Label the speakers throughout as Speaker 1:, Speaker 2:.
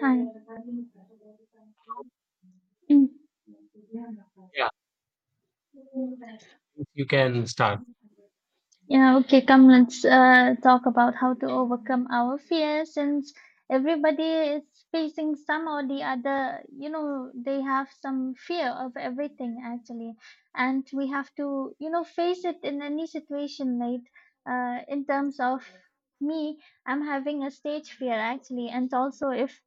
Speaker 1: Hi. Mm.
Speaker 2: Yeah, you can start.
Speaker 1: Yeah, okay, come let's talk about how to overcome our fears. Since everybody is facing some or the other, they have some fear of everything actually. And we have to, you know, face it in any situation, right? In terms of me, I'm having a stage fear actually. And also, if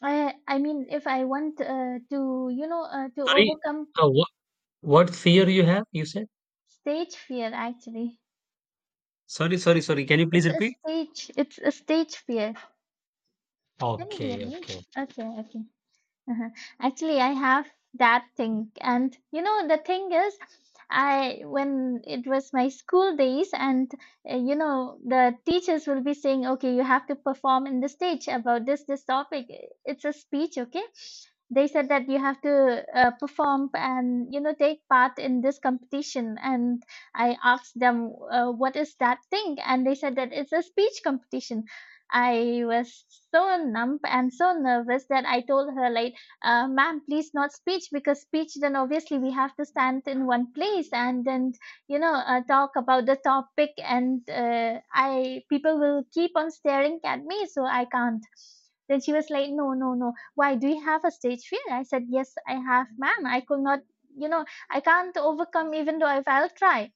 Speaker 1: I mean, if I want to, to
Speaker 2: Sorry,
Speaker 1: overcome
Speaker 2: uh, what what fear you have? You said?
Speaker 1: stage fear, actually.
Speaker 2: Sorry, sorry, sorry. Can you please repeat?
Speaker 1: It's a stage fear. Can you hear
Speaker 2: Okay,
Speaker 1: me?
Speaker 2: okay.
Speaker 1: Okay, okay. Uh-huh. Actually, I have that thing. And the thing is, I when it was my school days, and the teachers will be saying, okay, you have to perform in the stage about this topic. It's a speech, okay? They said that you have to perform and take part in this competition. And I asked them, what is that thing? And they said that it's a speech competition. I was so numb and so nervous that I told her like ma'am, please not speech, because speech then obviously we have to stand in one place and then talk about the topic, and I people will keep on staring at me, so I can't. Then she was like, no, no, no, why do you have a stage fear? I said, yes, I have, ma'am. I could not, you know I can't overcome, even though if I'll try.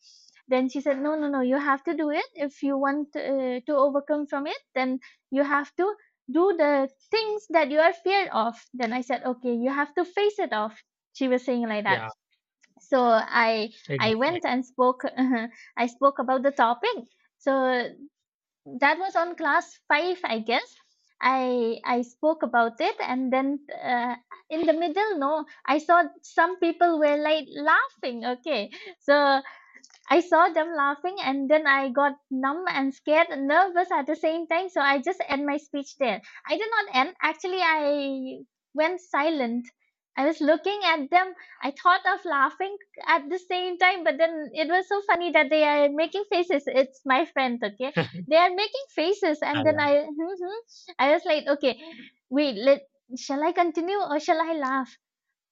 Speaker 1: Then she said, no, no, no, you have to do it. If you want to overcome from it, then you have to do the things that you are feared of. Then I said, okay, you have to face it off. She was saying like that.
Speaker 2: Yeah,
Speaker 1: So i I went
Speaker 2: exactly.
Speaker 1: and spoke I spoke about the topic. So that was on class 5, I guess. I spoke about it, and then uh, in the middle, no, I saw some people were like laughing, okay. So I saw them laughing, and then I got numb and scared and nervous at the same time. So I just end my speech there. I did not end. Actually, I went silent. I was looking at them. I thought of laughing at the same time, but then it was so funny that they are making faces. It's my friend, okay? They are making faces, and then
Speaker 2: Yeah,
Speaker 1: I, I was like, okay, wait, let shall I continue or shall I laugh?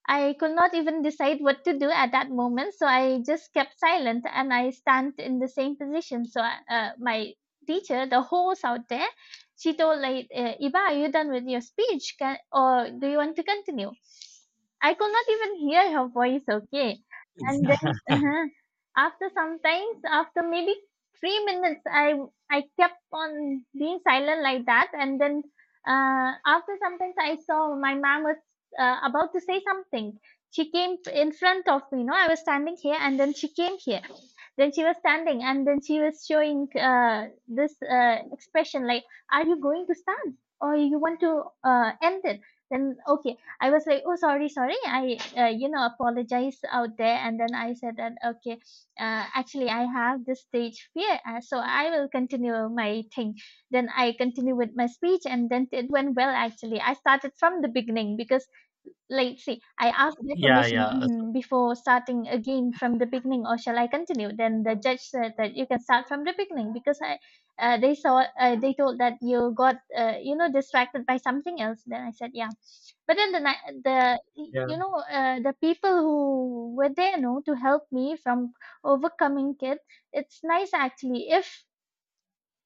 Speaker 1: I could not even decide what to do at that moment, so I just kept silent and I stand in the same position. So my teacher, the host out there, she told like, "Iba, are you done with your speech? Can, or do you want to continue?" I could not even hear her voice, okay. And
Speaker 2: yeah,
Speaker 1: then after sometimes, after maybe 3 minutes, I kept on being silent like that. And then after sometimes, I saw my mom was about to say something. She came in front of me. I was standing here, and then she came here. Then she was standing, and then she was showing this expression like, "Are you going to stand, or you want to end it?" Then okay, I was like, oh, sorry, sorry. I apologize out there. And then I said that, okay, actually, I have this stage fear. So I will continue my thing. Then I continue with my speech. And then it went well, actually. I started from the beginning because, like, see, I asked their
Speaker 2: yeah,
Speaker 1: permission mhm, before starting again from the beginning, or shall I continue? Then the judge said that you can start from the beginning because they saw, they told that you got, distracted by something else. Then I said, yeah, but then the
Speaker 2: yeah.
Speaker 1: the people who were there, no, to help me from overcoming it. It's nice actually. If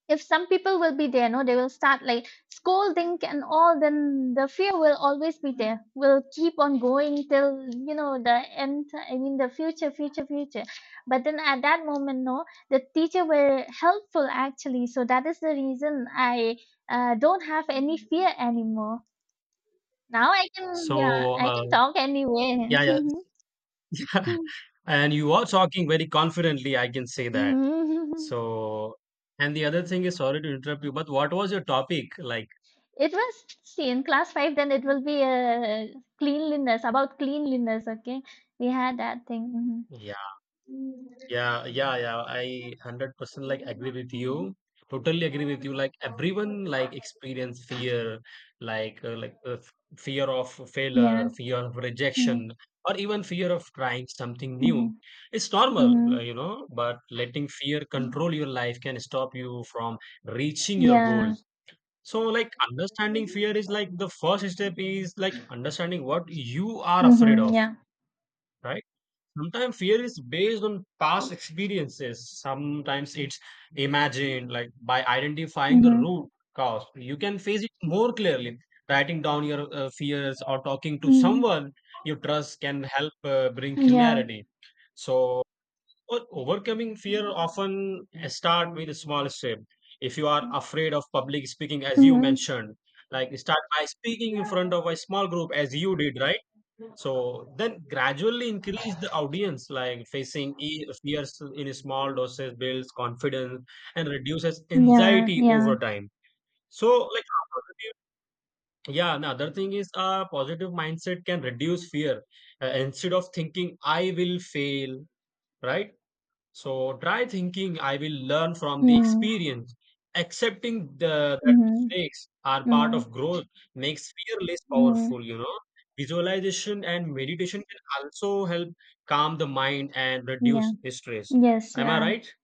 Speaker 1: if some people will be there, no, they will start like scolding and all. Then the fear will always be there. Will keep on going till the end. I mean the future, future, future. But then at that moment, no, the teacher were helpful actually. So that is the reason I don't have any fear anymore. Now I can, yeah,
Speaker 2: So,
Speaker 1: I can
Speaker 2: uh,
Speaker 1: talk anyway.
Speaker 2: yeah. And you are talking very confidently. I can say that. So, and the other thing is, sorry to interrupt you, but what was your topic like?
Speaker 1: It was, see, in class five, then it will be cleanliness, about cleanliness, okay? We had that thing.
Speaker 2: Yeah, yeah, yeah. I 100% agree with
Speaker 1: Hmm, hmm.
Speaker 2: you. Totally agree with you. Everyone experience fear, like fear of failure,
Speaker 1: Yeah.
Speaker 2: fear of
Speaker 1: Mm-hmm.
Speaker 2: rejection, or even fear of trying something
Speaker 1: Mm-hmm.
Speaker 2: new. It's normal,
Speaker 1: Mm-hmm.
Speaker 2: you know, but letting fear control your life can stop you from reaching your
Speaker 1: Yeah.
Speaker 2: goals. So like understanding fear is like the first step is like understanding what you are afraid
Speaker 1: Mm-hmm.
Speaker 2: of,
Speaker 1: Yeah.
Speaker 2: right? Sometimes fear is based on past experiences. Sometimes it's imagined, like by identifying the
Speaker 1: Mm-hmm.
Speaker 2: root cause, you can face it more clearly. Writing down your fears or talking to
Speaker 1: Mm-hmm.
Speaker 2: someone you trust can help bring
Speaker 1: Yeah.
Speaker 2: clarity. So, overcoming fear often start with a small step. If you are afraid of public speaking, as you
Speaker 1: Mm-hmm.
Speaker 2: mentioned, like start by speaking in front of a small group, as you did, right? So then gradually increase the audience, like facing fears in small doses builds confidence and reduces
Speaker 1: Yeah.
Speaker 2: anxiety
Speaker 1: Yeah.
Speaker 2: over time. So like another thing is a positive mindset can reduce fear instead of thinking I will fail, right? So try thinking I will learn from the
Speaker 1: Mm-hmm.
Speaker 2: experience. Accepting that
Speaker 1: Mm-hmm.
Speaker 2: mistakes are part
Speaker 1: Mm-hmm.
Speaker 2: of growth makes fear less
Speaker 1: Mm-hmm.
Speaker 2: powerful, you know. Visualization and meditation can also help calm the mind and
Speaker 1: Yeah.
Speaker 2: reduce stress.
Speaker 1: Yes,
Speaker 2: Am I
Speaker 1: yeah.
Speaker 2: right?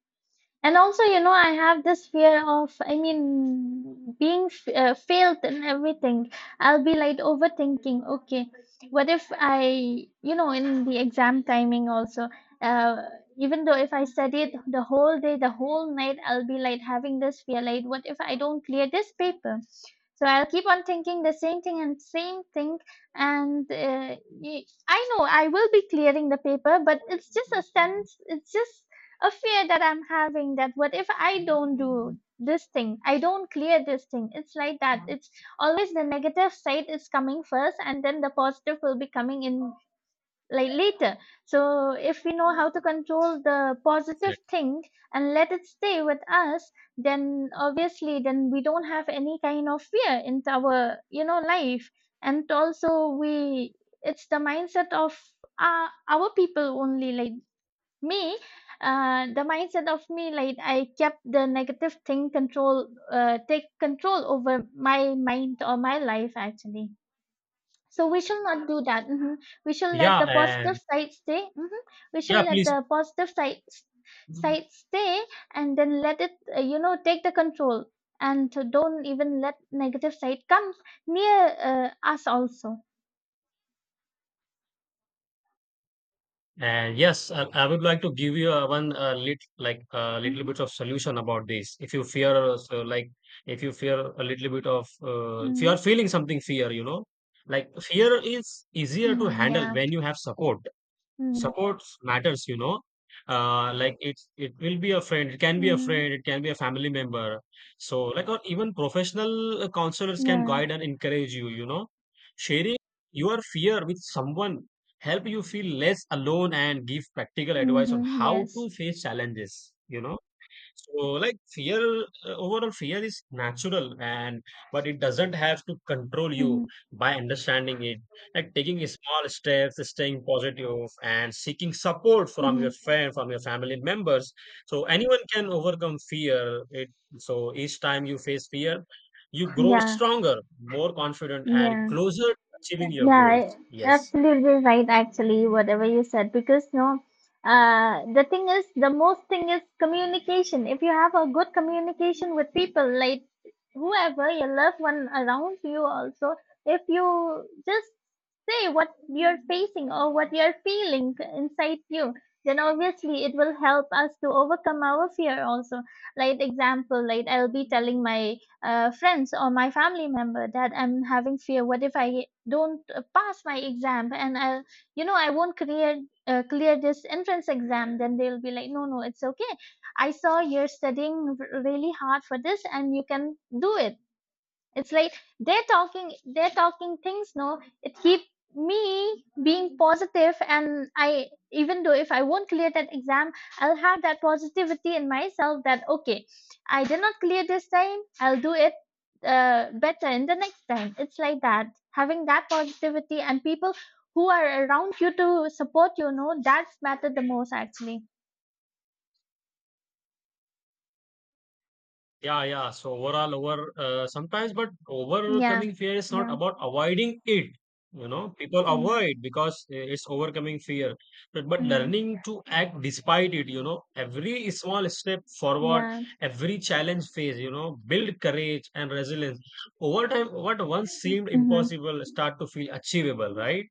Speaker 1: And also, I have this fear of, I mean, being failed and everything. I'll be like overthinking, okay, what if I, in the exam timing also, uh, even though if I studied the whole day, the whole night, I'll be like having this fear, like, what if I don't clear this paper? So I'll keep on thinking the same thing and same thing, and I know I will be clearing the paper, but it's just a sense, it's just a fear that I'm having, that what if I don't do this thing, I don't clear this thing. It's like that. It's always the negative side is coming first, and then the positive will be coming in like later. So if we know how to control the positive
Speaker 2: Exactly.
Speaker 1: thing and let it stay with us, then obviously then we don't have any kind of fear in our life, and also we it's the mindset of our people only, like me, the mindset of me, like I kept the negative thing control, take control over my mind or my life actually. So we shall not do that. Hmm. We shall let
Speaker 2: Yeah,
Speaker 1: the positive
Speaker 2: and
Speaker 1: side stay. Hmm. We shall
Speaker 2: yeah,
Speaker 1: let
Speaker 2: please.
Speaker 1: the positive side stay, and then let it, take the control, and to don't even let negative side come near us also.
Speaker 2: And yes, I would like to give you a one lit like a little
Speaker 1: Mm-hmm.
Speaker 2: bit of solution about this. If you fear, if you fear a little bit of, if you
Speaker 1: Mm-hmm.
Speaker 2: are feeling something fear, you know, like fear is easier to
Speaker 1: Mm-hmm.
Speaker 2: handle
Speaker 1: Yeah.
Speaker 2: when you have support.
Speaker 1: Mm-hmm.
Speaker 2: Supports matters, you know. Like it will be a friend, it can be a
Speaker 1: Mm-hmm.
Speaker 2: friend, it can be a family member. So like or even professional counselors can
Speaker 1: Yeah.
Speaker 2: guide and encourage you, you know. Sharing your fear with someone help you feel less alone and give practical advice on
Speaker 1: Mm-hmm.
Speaker 2: how
Speaker 1: Yes.
Speaker 2: to face challenges, you know. So, like fear, overall fear is natural, and but it doesn't have to control
Speaker 1: Mhm,
Speaker 2: you by understanding it. Like taking small steps, staying positive, and seeking support from your
Speaker 1: mhm.
Speaker 2: friend, from your family members. So anyone can overcome fear. It so each time you face fear, you grow
Speaker 1: Yeah,
Speaker 2: stronger, more confident, and
Speaker 1: yeah,
Speaker 2: closer to achieving your
Speaker 1: yeah.
Speaker 2: goals. Yes.
Speaker 1: Absolutely right. Actually, whatever you said, because no, the thing is, the most thing is communication. If you have a good communication with people, like whoever your loved one around you, also, if you just say what you're facing or what you're feeling inside you, then obviously it will help us to overcome our fear. Also, like example, like I'll be telling my friends or my family member that I'm having fear. What if I don't pass my exam and I won't clear, clear this entrance exam? Then they'll be like, no, no, it's okay. I saw you're studying really hard for this, and you can do it. It's like they're talking things, no, it keep me being positive. And I, even though if I won't clear that exam, I'll have that positivity in myself, that okay, I did not clear this time, I'll do it better in the next time. It's like that, having that positivity and people who are around you to support, that's matter the most actually.
Speaker 2: Yeah, yeah. So overall, over sometimes, but
Speaker 1: Yeah,
Speaker 2: overcoming fear is not
Speaker 1: yeah.
Speaker 2: about avoiding it. You know, people
Speaker 1: Mm-hmm.
Speaker 2: avoid because it's overcoming fear. But
Speaker 1: Mm-hmm.
Speaker 2: learning to act despite it, you know, every small step forward,
Speaker 1: Yeah.
Speaker 2: every challenge phase, you know, build courage and resilience. Over time, what once seemed
Speaker 1: Mm-hmm.
Speaker 2: impossible start to feel achievable, right?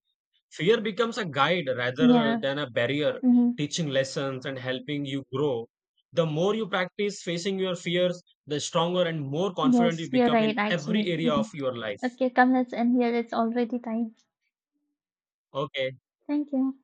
Speaker 2: Fear becomes a guide rather
Speaker 1: Yeah.
Speaker 2: than a barrier,
Speaker 1: Mm-hmm.
Speaker 2: teaching lessons and helping you grow. The more you practice facing your fears, the stronger and more confident you
Speaker 1: Yes, you're
Speaker 2: become
Speaker 1: right,
Speaker 2: in every
Speaker 1: actually.
Speaker 2: area
Speaker 1: Mhm.
Speaker 2: of your life.
Speaker 1: Okay, come, let's end here. It's already time.
Speaker 2: Okay.
Speaker 1: Thank you.